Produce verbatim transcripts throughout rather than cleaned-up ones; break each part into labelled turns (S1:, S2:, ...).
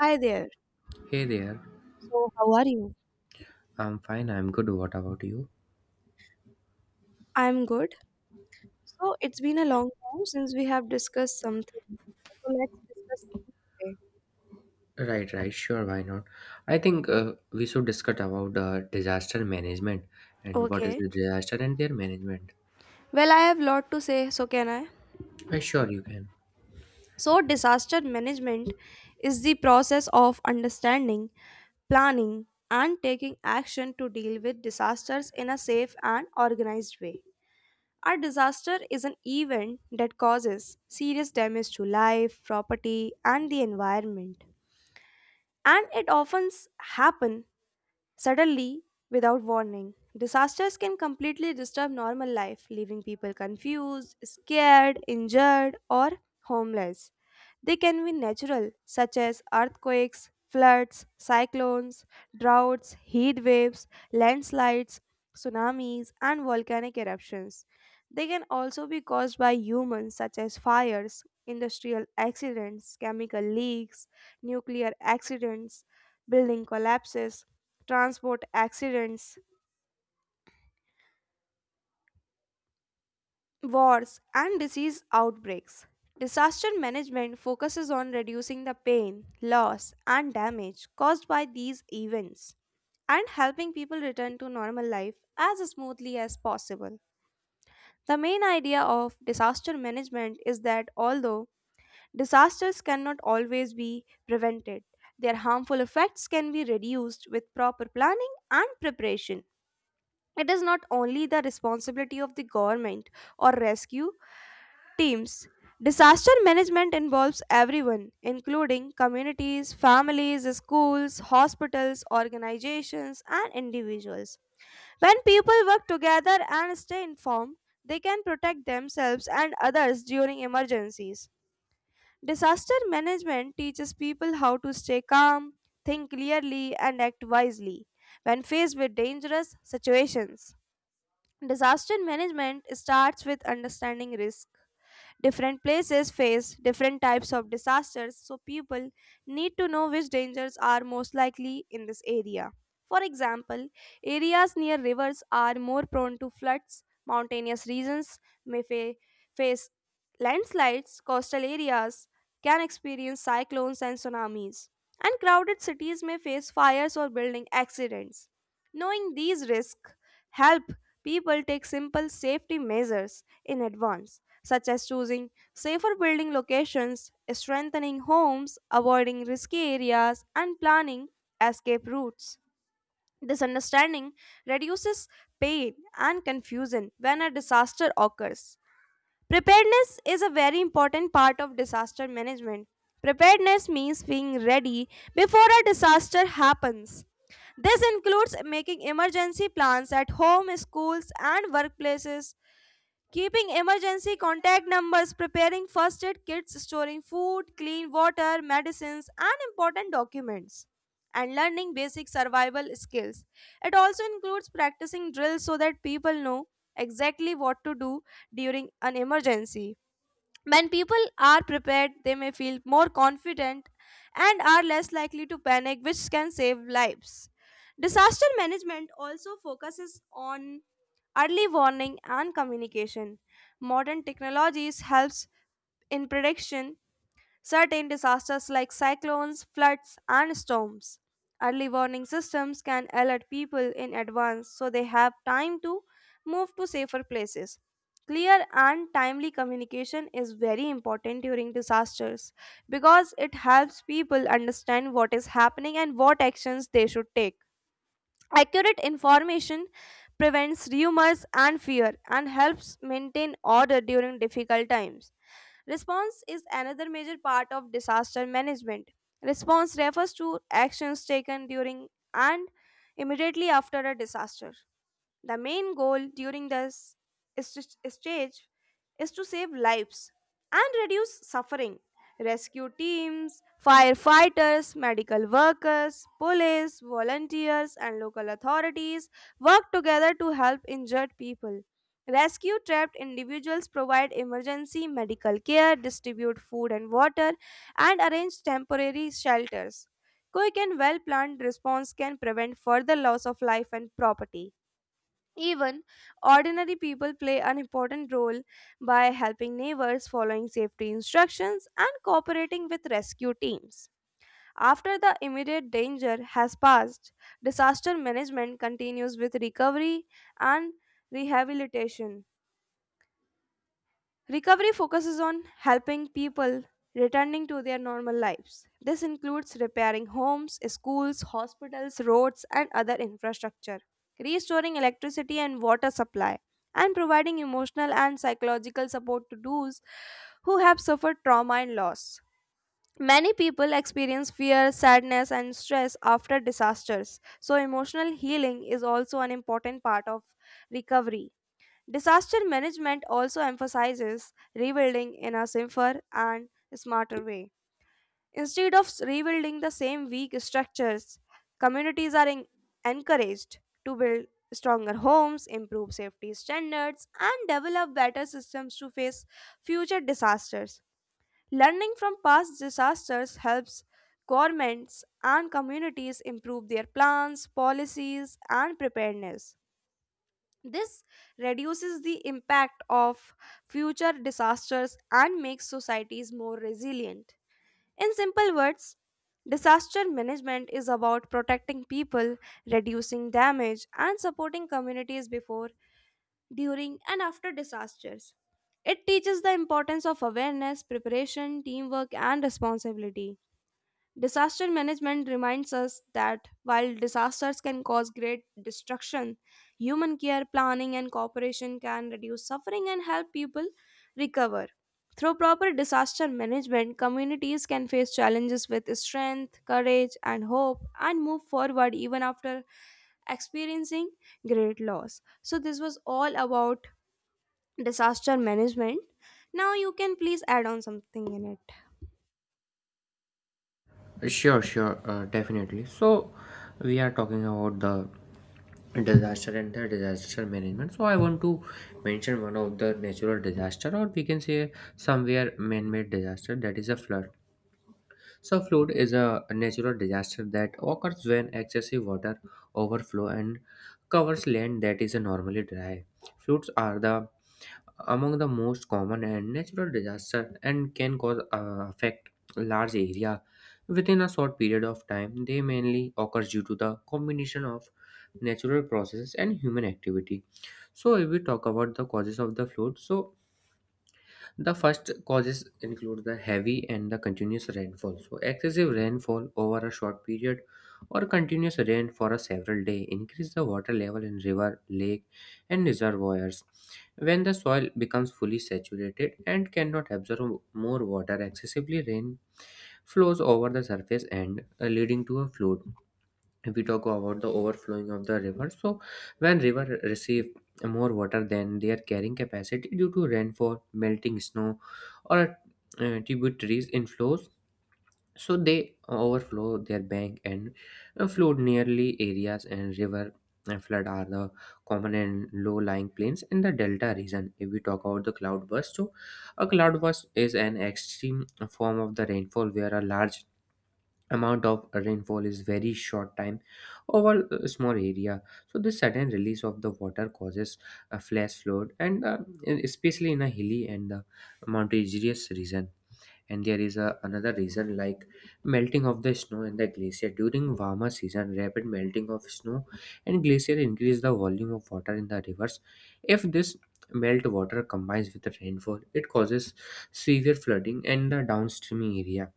S1: Hi there.
S2: Hey there.
S1: So, how are you?
S2: I'm fine. I'm good. What about you?
S1: I'm good. So, it's been a long time since we have discussed something. So, let's discuss something today.
S2: Right, right. Sure. Why not? I think uh, we should discuss about uh, disaster management and what is
S1: Okay.
S2: the disaster and their management.
S1: Well, I have lot to say, so can I?
S2: Uh, sure, you can.
S1: So, disaster management is the process of understanding, planning, and taking action to deal with disasters in a safe and organized way. A disaster is an event that causes serious damage to life, property, and the environment. And it often s- happen. Suddenly, without warning, disasters can completely disturb normal life, leaving people confused, scared, injured, or homeless. They can be natural, such as earthquakes, floods, cyclones, droughts, heat waves, landslides, tsunamis, and volcanic eruptions. They can also be caused by humans, such as fires, industrial accidents, chemical leaks, nuclear accidents, building collapses, transport accidents, wars, and disease outbreaks. Disaster management focuses on reducing the pain, loss, and damage caused by these events and helping people return to normal life as smoothly as possible. The main idea of disaster management is that although disasters cannot always be prevented, their harmful effects can be reduced with proper planning and preparation. It is not only the responsibility of the government or rescue teams. Disaster management involves everyone, including communities, families, schools, hospitals, organizations, and individuals. When people work together and stay informed, they can protect themselves and others during emergencies. Disaster management teaches people how to stay calm, think clearly, and act wisely when faced with dangerous situations. Disaster management starts with understanding risk. Different places face different types of disasters, so people need to know which dangers are most likely in this area. For example, areas near rivers are more prone to floods, mountainous regions may fa- face landslides, coastal areas can experience cyclones and tsunamis, and crowded cities may face fires or building accidents. Knowing these risks help people take simple safety measures in advance, such as choosing safer building locations, strengthening homes, avoiding risky areas, and planning escape routes. This understanding reduces pain and confusion when a disaster occurs. Preparedness is a very important part of disaster management. Preparedness means being ready before a disaster happens. This includes making emergency plans at home, schools, and workplaces, keeping emergency contact numbers, preparing first aid kits, storing food, clean water, medicines, and important documents, and learning basic survival skills. It also includes practicing drills so that people know exactly what to do during an emergency. When people are prepared, they may feel more confident and are less likely to panic, which can save lives. Disaster management also focuses on early warning and communication. Modern technologies helps in prediction certain disasters like cyclones, floods and storms. Early warning systems can alert people in advance so they have time to move to safer places. Clear and timely communication is very important during disasters because it helps people understand what is happening and what actions they should take. Accurate information prevents rumors and fear and helps maintain order during difficult times. Response is another major part of disaster management. Response refers to actions taken during and immediately after a disaster. The main goal during this st- stage is to save lives and reduce suffering. Rescue teams, firefighters, medical workers, police, volunteers, and local authorities work together to help injured people. Rescue trapped individuals provide emergency medical care, distribute food and water, and arrange temporary shelters. Quick and well planned response can prevent further loss of life and property. Even ordinary people play an important role by helping neighbors, following safety instructions, and cooperating with rescue teams. After the immediate danger has passed, disaster management continues with recovery and rehabilitation. Recovery focuses on helping people returning to their normal lives. This includes repairing homes, schools, hospitals, roads, and other infrastructure, restoring electricity and water supply, and providing emotional and psychological support to those who have suffered trauma and loss. Many people experience fear, sadness, and stress after disasters, so emotional healing is also an important part of recovery. Disaster management also emphasizes rebuilding in a safer and smarter way. Instead of rebuilding the same weak structures, communities are en- encouraged to build stronger homes, improve safety standards, and develop better systems to face future disasters. Learning from past disasters helps governments and communities improve their plans, policies, and preparedness. This reduces the impact of future disasters and makes societies more resilient. In simple words, disaster management is about protecting people, reducing damage, and supporting communities before, during, and after disasters. It teaches the importance of awareness, preparation, teamwork, and responsibility. Disaster management reminds us that while disasters can cause great destruction, human care, planning, and cooperation can reduce suffering and help people recover. Through proper disaster management, communities can face challenges with strength, courage, and hope and move forward even after experiencing great loss. So, this was all about disaster management. Now, you can please add on something in it.
S2: Uh, Sure, sure. Uh, definitely. So, we are talking about the disaster and the disaster management, so I want to mention one of the natural disaster, or we can say somewhere man-made disaster, that is a flood. So, flood is a natural disaster that occurs when excessive water overflow and covers land that is normally dry. Floods are the among the most common and natural disaster and can cause uh, affect large area within a short period of time. They mainly occur due to the combination of natural processes and human activity. So, if we talk about the causes of the flood, so the first causes include the heavy and the continuous rainfall. So, excessive rainfall over a short period or continuous rain for a several day increase the water level in river, lake, and reservoirs. When the soil becomes fully saturated and cannot absorb more water, excessively rain flows over the surface and uh, leading to a flood. If we talk about the overflowing of the river, so when river receive more water than their carrying capacity due to rainfall, melting snow, or uh, tributaries inflows, so they overflow their bank and uh, flood nearly areas, and river uh, flood are the common and low-lying plains in the delta region. If we talk about the cloudburst, so a cloudburst is an extreme form of the rainfall where a large amount of rainfall is very short time over a small area. So the sudden release of the water causes a flash flood, and uh, especially in a hilly and uh, mountainous region. And there is a, another reason like melting of the snow and the glacier. During warmer season, rapid melting of snow and glacier increase the volume of water in the rivers. If this melt water combines with the rainfall, it causes severe flooding in the downstream area.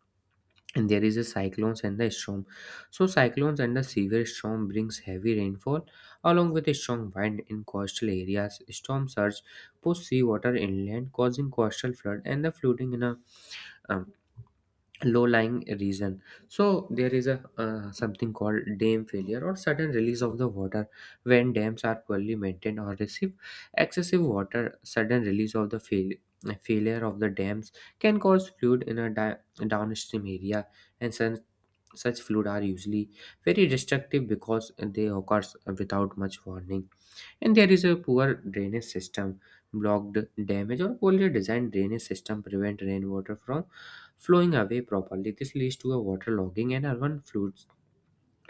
S2: And there is a cyclones and the storm, so cyclones and the severe storm brings heavy rainfall along with a strong wind. In coastal areas, storm surge push seawater inland, causing coastal flood and the flooding in a um, low-lying region. So there is a uh, something called dam failure or sudden release of the water. When dams are poorly maintained or receive excessive water, sudden release of the fail- failure of the dams can cause flood in a di- downstream area. And sen- such floods are usually very destructive because they occur without much warning. And there is a poor drainage system, blocked damage, or poorly designed drainage system prevent rainwater from flowing away properly. This leads to a waterlogging and urban floods,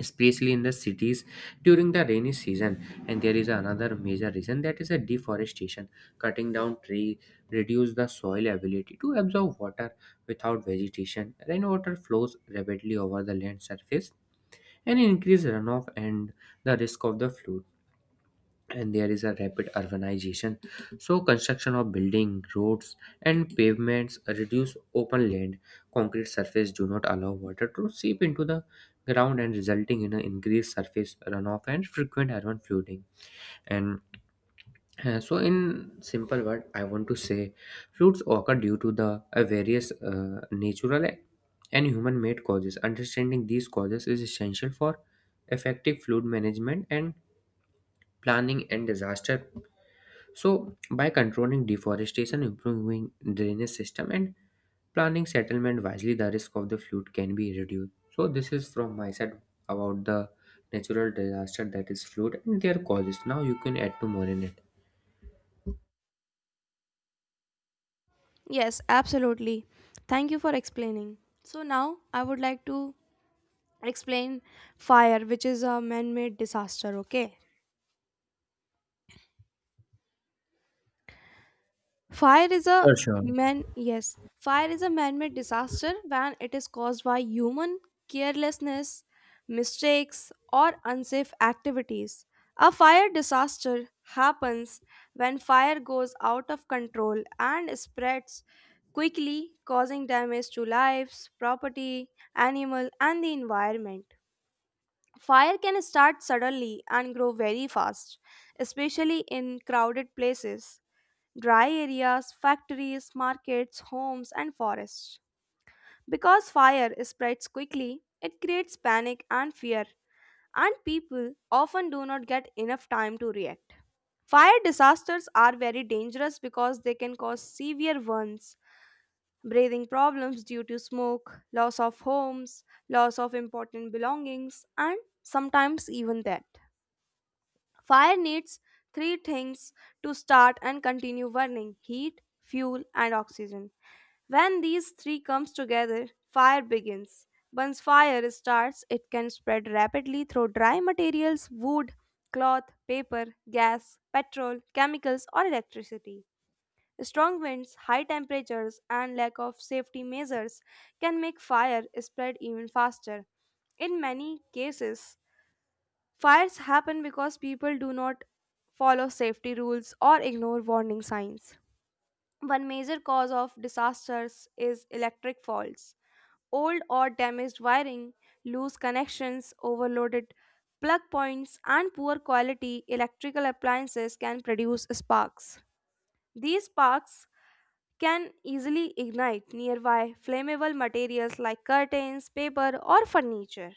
S2: especially in the cities during the rainy season. And there is another major reason, that is a deforestation. Cutting down trees reduce the soil ability to absorb water. Without vegetation, rainwater flows rapidly over the land surface, and increased runoff and the risk of the flood. And there is a rapid urbanization, so construction of building, roads, and pavements reduce open land. Concrete surface do not allow water to seep into the ground, and resulting in an increased surface runoff and frequent urban flooding. And uh, So, in simple word, I want to say floods occur due to the uh, various uh, natural and human-made causes. Understanding these causes is essential for effective flood management and planning and disaster. So, by controlling deforestation, improving drainage system, and planning settlement wisely, the risk of the flood can be reduced. So, this is from my side about the natural disaster that is flood and their causes. Now, you can add to more in it.
S1: Yes, absolutely. Thank you for explaining. So now I would like to explain fire, which is a man-made disaster, okay? Fire is a
S2: Sure, sure.
S1: man yes. Fire is a man-made disaster when it is caused by human carelessness, mistakes, or unsafe activities. A fire disaster happens when fire goes out of control and spreads quickly, causing damage to lives, property, animal, and the environment. Fire can start suddenly and grow very fast, especially in crowded places, dry areas, factories, markets, homes, and forests. Because fire spreads quickly, it creates panic and fear, and people often do not get enough time to react. Fire disasters are very dangerous because they can cause severe ones, breathing problems due to smoke, loss of homes, loss of important belongings, and sometimes even death. Fire needs three things to start and continue burning: heat, fuel, and oxygen. When these three comes together, fire begins. Once fire starts, it can spread rapidly through dry materials, wood, cloth, paper, gas, petrol, chemicals, or electricity. Strong winds, high temperatures, and lack of safety measures can make fire spread even faster. In many cases, fires happen because people do not follow safety rules or ignore warning signs. One major cause of disasters is electric faults. Old or damaged wiring, loose connections, overloaded plug points, and poor quality electrical appliances can produce sparks. These sparks can easily ignite nearby flammable materials like curtains, paper, or furniture.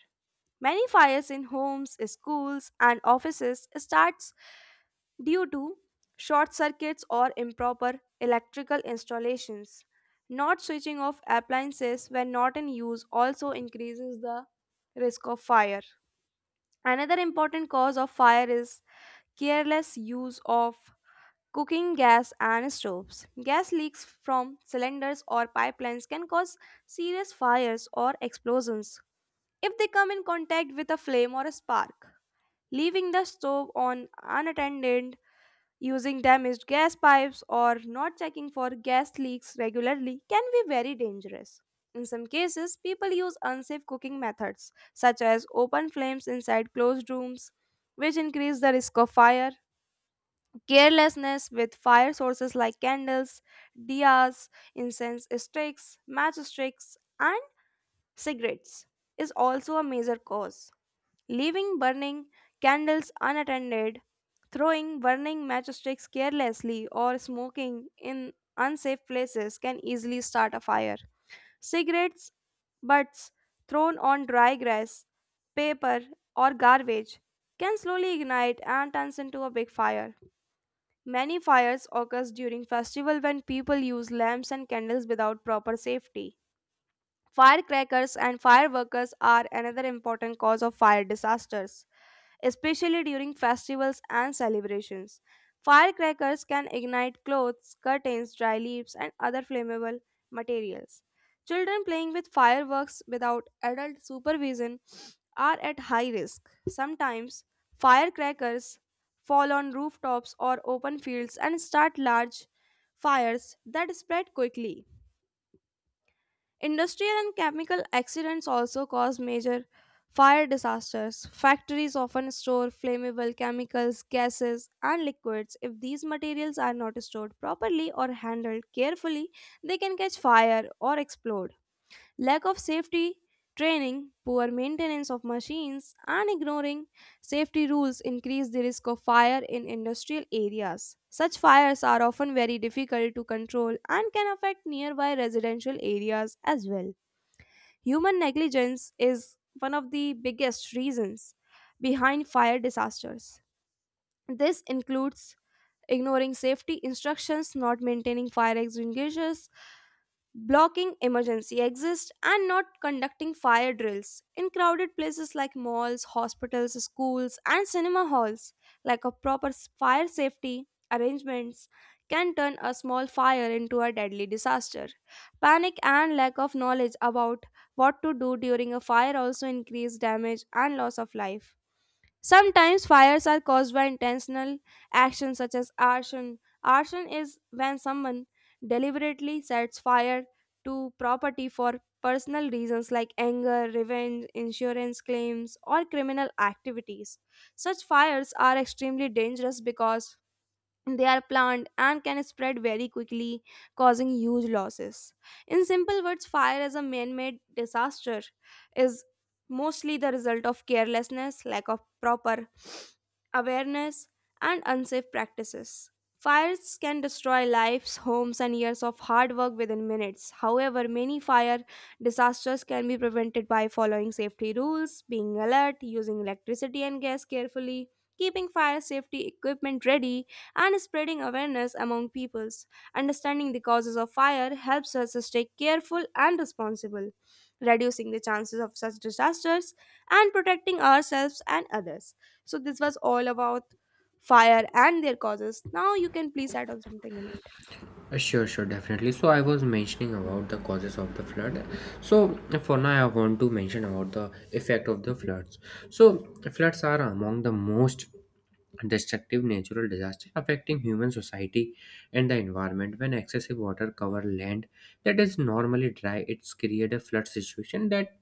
S1: Many fires in homes, schools, and offices starts due to short circuits or improper electrical installations. Not switching off appliances when not in use also increases the risk of fire. Another important cause of fire is careless use of cooking gas and stoves. Gas leaks from cylinders or pipelines can cause serious fires or explosions if they come in contact with a flame or a spark. Leaving the stove on unattended, using damaged gas pipes or not checking for gas leaks regularly can be very dangerous. In some cases, people use unsafe cooking methods, such as open flames inside closed rooms, which increase the risk of fire. Carelessness with fire sources like candles, diyas, incense sticks, matchsticks, and cigarettes is also a major cause. Leaving burning candles unattended, throwing burning matchsticks carelessly, or smoking in unsafe places can easily start a fire. Cigarettes butts thrown on dry grass, paper, or garbage can slowly ignite and turns into a big fire. Many fires occurs during festival when people use lamps and candles without proper safety. Firecrackers and fireworkers are another important cause of fire disasters, especially during festivals and celebrations. Firecrackers can ignite clothes, curtains, dry leaves, and other flammable materials. Children playing with fireworks without adult supervision are at high risk. Sometimes firecrackers fall on rooftops or open fields and start large fires that spread quickly. Industrial and chemical accidents also cause major fire disasters. Factories often store flammable chemicals, gases, and liquids. If these materials are not stored properly or handled carefully, they can catch fire or explode. Lack of safety training, poor maintenance of machines, and ignoring safety rules increase the risk of fire in industrial areas. Such fires are often very difficult to control and can affect nearby residential areas as well. Human negligence is one of the biggest reasons behind fire disasters. This includes ignoring safety instructions, not maintaining fire extinguishers, blocking emergency exits, and not conducting fire drills in crowded places like malls, hospitals, schools, and cinema halls. Like a proper s- fire safety arrangements can turn a small fire into a deadly disaster. Panic and lack of knowledge about what to do during a fire also increase damage and loss of life. Sometimes fires are caused by intentional actions such as arson. Arson is when someone deliberately sets fire to property for personal reasons like anger, revenge, insurance claims, or criminal activities. Such fires are extremely dangerous because they are planned and can spread very quickly, causing huge losses. In simple words, fire as a man made disaster is mostly the result of carelessness, lack of proper awareness, and unsafe practices. Fires can destroy lives, homes, and years of hard work within minutes. However, many fire disasters can be prevented by following safety rules, being alert, using electricity and gas carefully, keeping fire safety equipment ready, and spreading awareness among peoples. Understanding the causes of fire helps us to stay careful and responsible, reducing the chances of such disasters and protecting ourselves and others. So, this was all about fire and their causes. Now, you can please add on something in it.
S2: Uh, Sure, sure. definitely. So I was mentioning about the causes of the flood. So for now, I want to mention about the effect of the floods. So floods are among the most destructive natural disasters affecting human society and the environment. When excessive water cover land that is normally dry, it's create a flood situation that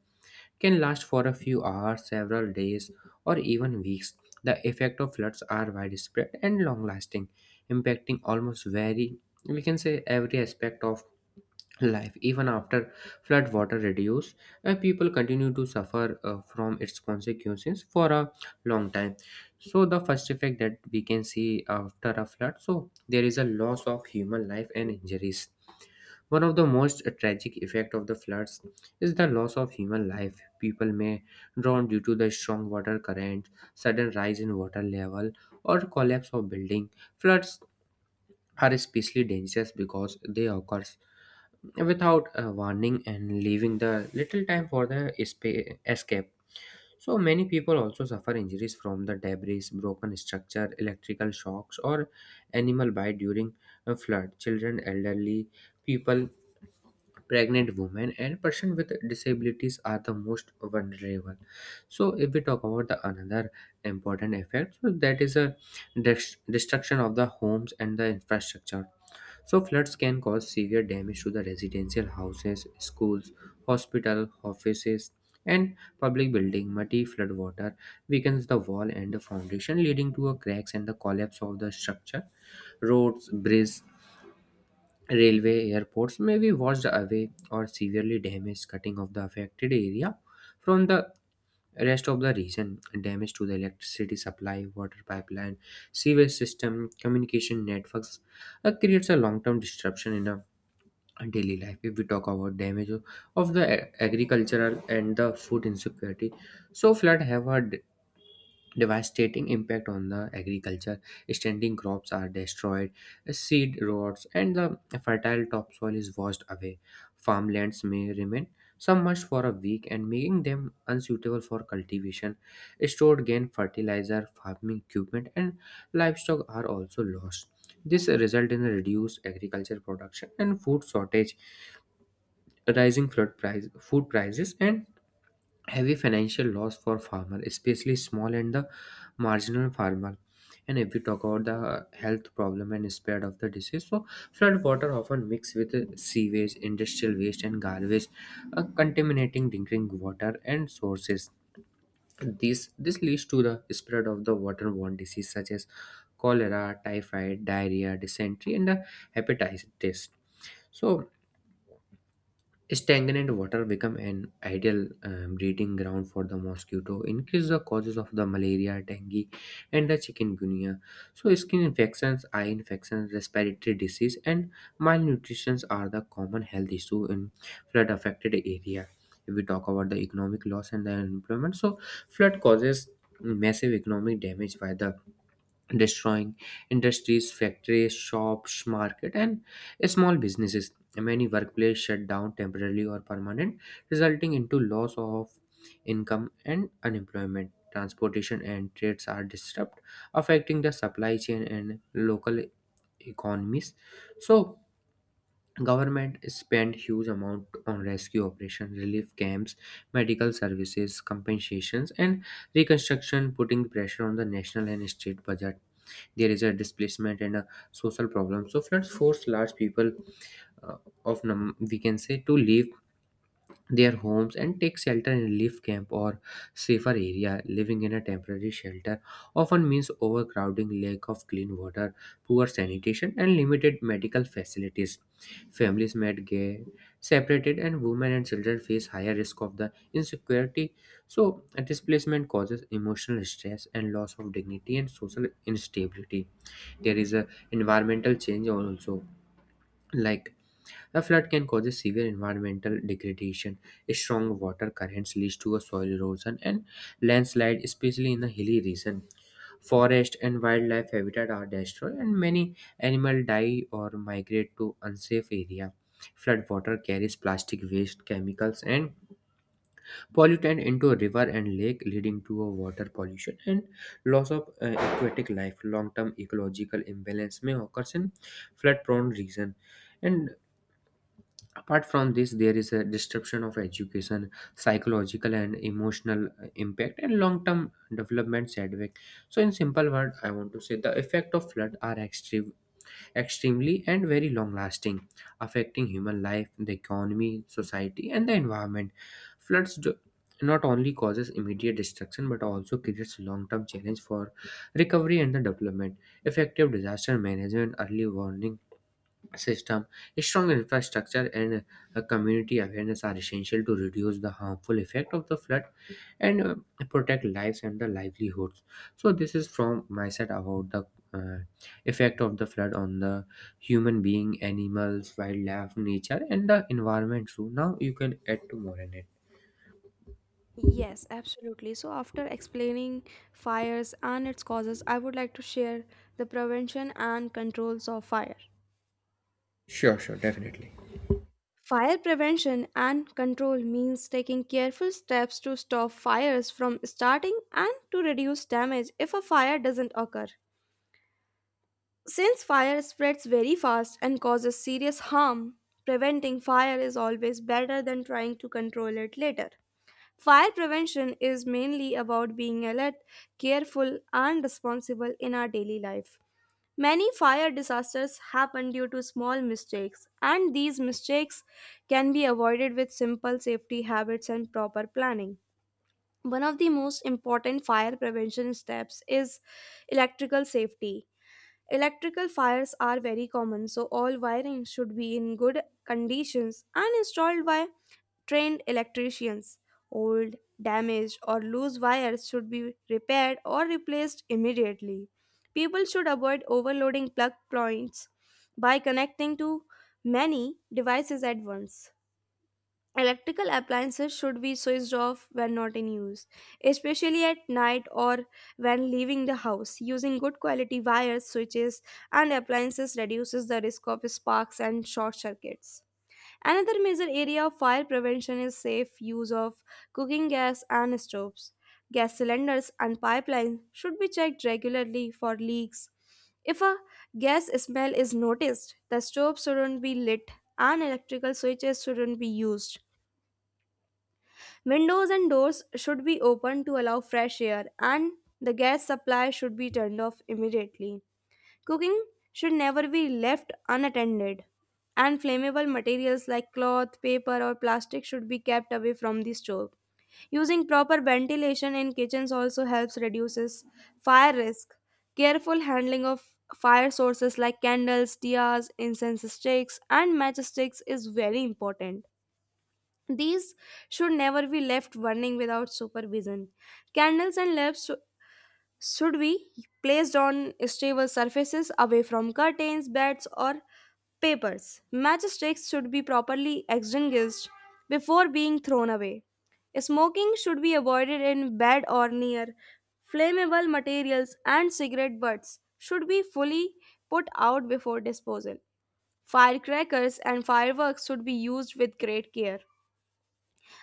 S2: can last for a few hours, several days, or even weeks. The effect of floods are widespread and long lasting, impacting almost very we can say every aspect of life. Even after flood water reduce, uh, people continue to suffer uh, from its consequences for a long time. So the first effect that we can see after a flood, so there is a loss of human life and injuries. One of the most tragic effect of the floods is the loss of human life. People may drown due to the strong water current, sudden rise in water level, or collapse of building. Floods are especially dangerous because they occur without a warning and leaving the little time for the espa- escape. So many people also suffer injuries from the debris, broken structure, electrical shocks, or animal bite during a flood. Children, elderly people, pregnant women, and person with disabilities are the most vulnerable. So if we talk about the another important effect, so that is a dest- destruction of the homes and the infrastructure. So floods can cause severe damage to the residential houses, schools, hospital, offices, and public building. Muddy flood water weakens the wall and the foundation, leading to a cracks and the collapse of the structure. Roads, bridges, railway, airports may be washed away or severely damaged, cutting off the affected area from the rest of the region. Damage to the electricity supply, water pipeline, sewage system, communication networks uh, creates a long-term disruption in a daily life. If we talk about damage of of the a- agricultural and the food insecurity, so flood have a d- devastating impact on the agriculture. Standing crops are destroyed, seed rots and the fertile topsoil is washed away. Farmlands may remain submerged for a week and making them unsuitable for cultivation. Stored grain, fertilizer, farming equipment, and livestock are also lost. This result in a reduced agriculture production and food shortage, rising flood price, food prices and heavy financial loss for farmer, especially small and the marginal farmer. And if we talk about the health problem and spread of the disease, so flood water often mix with uh, sewage, industrial waste, and garbage, uh, contaminating drinking water and sources. This this leads to the spread of the waterborne disease such as cholera, typhoid, diarrhea, dysentery, and uh, hepatitis. So stagnant water become an ideal um, breeding ground for the mosquito, increase the causes of the malaria, dengue, and the chikungunya. So, skin infections, eye infections, respiratory disease, and malnutrition are the common health issue in flood affected area. If we talk about the economic loss and the unemployment, so flood causes massive economic damage by the destroying industries, factories, shops, market, and small businesses. Many workplaces shut down temporarily or permanent, resulting into loss of income and unemployment. Transportation and trades are disrupted, affecting the supply chain and local economies. So, government spend huge amount on rescue operation, relief camps, medical services, compensations, and reconstruction, putting pressure on the national and state budget. There is a displacement and a social problem, so floods force large people uh, of num- we can say to leave their homes and take shelter in relief camp or safer area. Living in a temporary shelter often means overcrowding, lack of clean water, poor sanitation, and limited medical facilities. Families might get separated, and women and children face higher risk of the insecurity. So a displacement causes emotional stress and loss of dignity and social instability. There is a environmental change also, like a flood can cause a severe environmental degradation. Strong water currents leads to a soil erosion and landslide, especially in the hilly region. Forest and wildlife habitat are destroyed and many animal die or migrate to unsafe area. Flood water carries plastic waste, chemicals, and pollutant into a river and lake, leading to a water pollution and loss of uh, aquatic life. Long term ecological imbalance may occur in flood prone region. And apart from this, there is a disruption of education, psychological and emotional uh, impact and long term development setback. So in simple word I want to say the effect of flood are extreme extremely and very long lasting, affecting human life, the economy, society, and the environment. Floods do not only causes immediate destruction but also creates long-term challenge for recovery and the development. Effective disaster management, early warning system, a strong infrastructure, and a community awareness are essential to reduce the harmful effect of the flood, and uh, protect lives and the livelihoods. So this is from my side about the uh, effect of the flood on the human being, animals, wildlife, nature, and the environment. So now you can add to more in it.
S1: Yes, absolutely. So, after explaining fires and its causes, I would like to share the prevention and controls of fire.
S2: Sure, sure, definitely.
S1: Fire prevention and control means taking careful steps to stop fires from starting and to reduce damage if a fire doesn't occur. Since fire spreads very fast and causes serious harm, preventing fire is always better than trying to control it later. Fire prevention is mainly about being alert, careful, and responsible in our daily life. Many fire disasters happen due to small mistakes, and these mistakes can be avoided with simple safety habits and proper planning. One of the most important fire prevention steps is electrical safety. Electrical fires are very common, so all wiring should be in good conditions and installed by trained electricians. Old, damaged, or loose wires should be repaired or replaced immediately. People should avoid overloading plug points by connecting to many devices at once. Electrical appliances should be switched off when not in use, especially at night or when leaving the house. Using good quality wires, switches, and appliances reduces the risk of sparks and short circuits. Another major area of fire prevention is safe use of cooking gas and stoves. Gas cylinders and pipelines should be checked regularly for leaks. If a gas smell is noticed, the stove shouldn't be lit and electrical switches shouldn't be used. Windows and doors should be open to allow fresh air and the gas supply should be turned off immediately. Cooking should never be left unattended, and flammable materials like cloth, paper, or plastic should be kept away from the stove. Using proper ventilation in kitchens also helps reduces fire risk. Careful handling of fire sources like candles, diyas, incense sticks, and matchsticks is very important. These should never be left burning without supervision. Candles and lamps should be placed on stable surfaces away from curtains, beds, or papers. Matchsticks should be properly extinguished before being thrown away. Smoking should be avoided in bed or near flammable materials, and cigarette butts should be fully put out before disposal. Firecrackers and fireworks should be used with great care.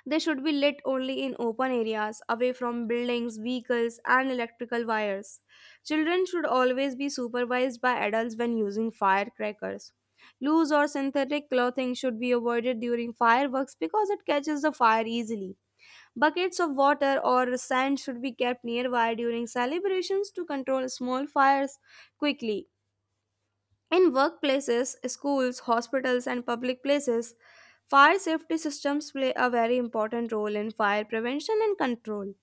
S1: They should be lit only in open areas, away from buildings, vehicles, and electrical wires. Children should always be supervised by adults when using firecrackers. Loose or synthetic clothing should be avoided during fireworks because it catches the fire easily. Buckets of water or sand should be kept nearby during celebrations to control small fires quickly. In workplaces, schools, hospitals, and public places, fire safety systems play a very important role in fire prevention and control.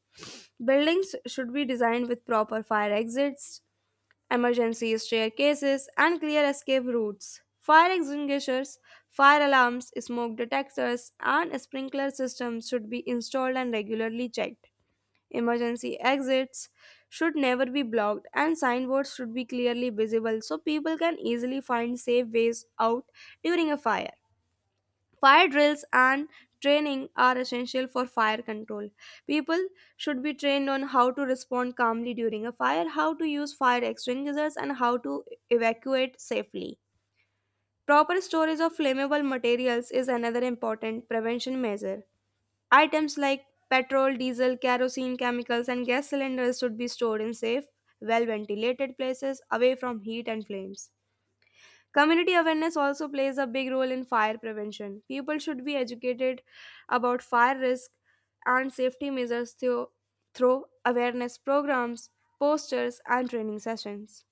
S1: Buildings should be designed with proper fire exits, emergency staircases, and clear escape routes. Fire extinguishers, fire alarms, smoke detectors, and sprinkler systems should be installed and regularly checked. Emergency exits should never be blocked, and signboards should be clearly visible so people can easily find safe ways out during a fire. Fire drills and training are essential for fire control. People should be trained on how to respond calmly during a fire, how to use fire extinguishers, and how to evacuate safely. Proper storage of flammable materials is another important prevention measure. Items like petrol, diesel, kerosene, chemicals, and gas cylinders should be stored in safe, well ventilated places away from heat and flames. Community awareness also plays a big role in fire prevention. People should be educated about fire risk and safety measures through, through awareness programs, posters, and training sessions.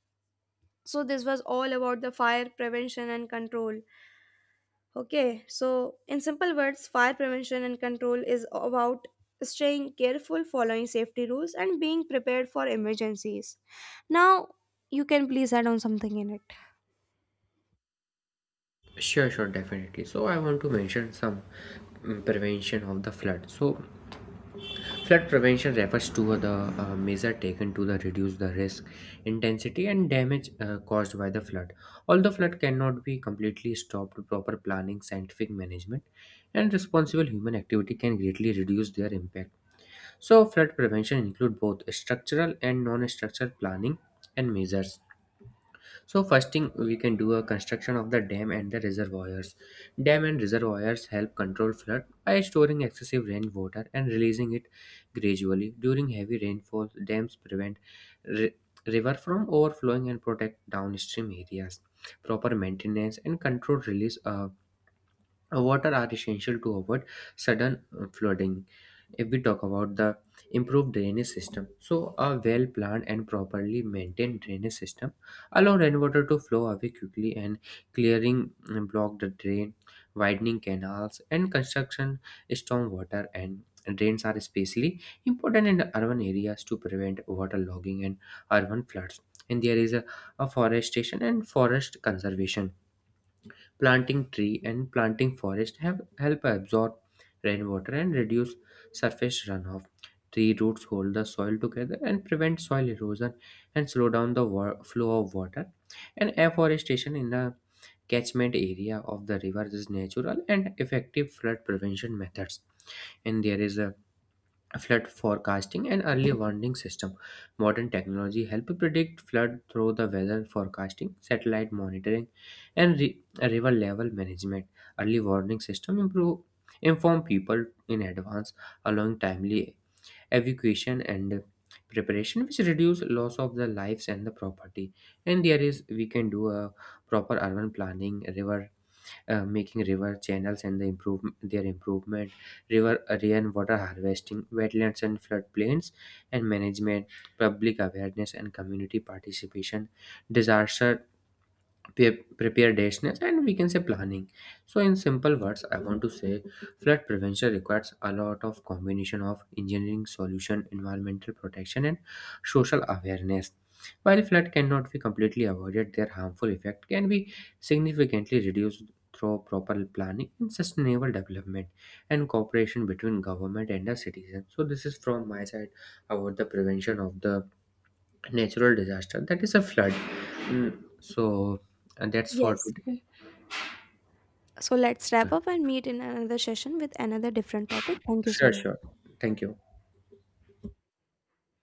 S1: So, this was all about the fire prevention and control. Okay, so in simple words, fire prevention and control is about staying careful, following safety rules, and being prepared for emergencies. Now, you can please add on something in it.
S2: Sure, sure, definitely. So I want to mention some mm, prevention of the flood. So flood prevention refers to the uh, measure taken to the reduce the risk, intensity, and damage uh, caused by the flood. Although flood cannot be completely stopped, proper planning, scientific management, and responsible human activity can greatly reduce their impact. So, flood prevention include both structural and non-structural planning and measures. So first thing, we can do a construction of the dam and the reservoirs. Dam and reservoirs help control flood by storing excessive rainwater and releasing it gradually. During heavy rainfall, dams prevent ri- river from overflowing and protect downstream areas. Proper maintenance and controlled release of uh, water are essential to avoid sudden uh, flooding. If we talk about the improved drainage system, so a well planned and properly maintained drainage system allow rainwater to flow away quickly, and clearing uh, block the drain, widening canals and construction stormwater and drains are especially important in the urban areas to prevent water logging and urban floods. And there is a a forestation and forest conservation. Planting tree and planting forest have help absorb rainwater and reduce surface runoff. Tree roots hold the soil together and prevent soil erosion and slow down the wa- flow of water. And afforestation in the catchment area of the river is natural and effective flood prevention methods. And there is a flood forecasting and early warning system. Modern technology help predict flood through the weather forecasting, satellite monitoring, and re- river level management. Early warning system improve inform people in advance, allowing timely evacuation and preparation, which reduce loss of the lives and the property. And there is, we can do a proper urban planning, river uh, making river channels and the improve their improvement, river area water harvesting, wetlands and floodplains, and management, public awareness and community participation, disaster pre- preparedness and we can say planning. So in simple words I want to say flood prevention requires a lot of combination of engineering solution, environmental protection, and social awareness. While flood cannot be completely avoided, their harmful effect can be significantly reduced through proper planning and sustainable development and cooperation between government and the citizens. So this is from my side about the prevention of the natural disaster that is a flood. Mm, so, and that's for
S1: Yes.
S2: today.
S1: So let's
S2: Yeah.
S1: wrap up and meet in another session with another different topic. Thank you so
S2: Sure,
S1: much.
S2: sure. Thank you.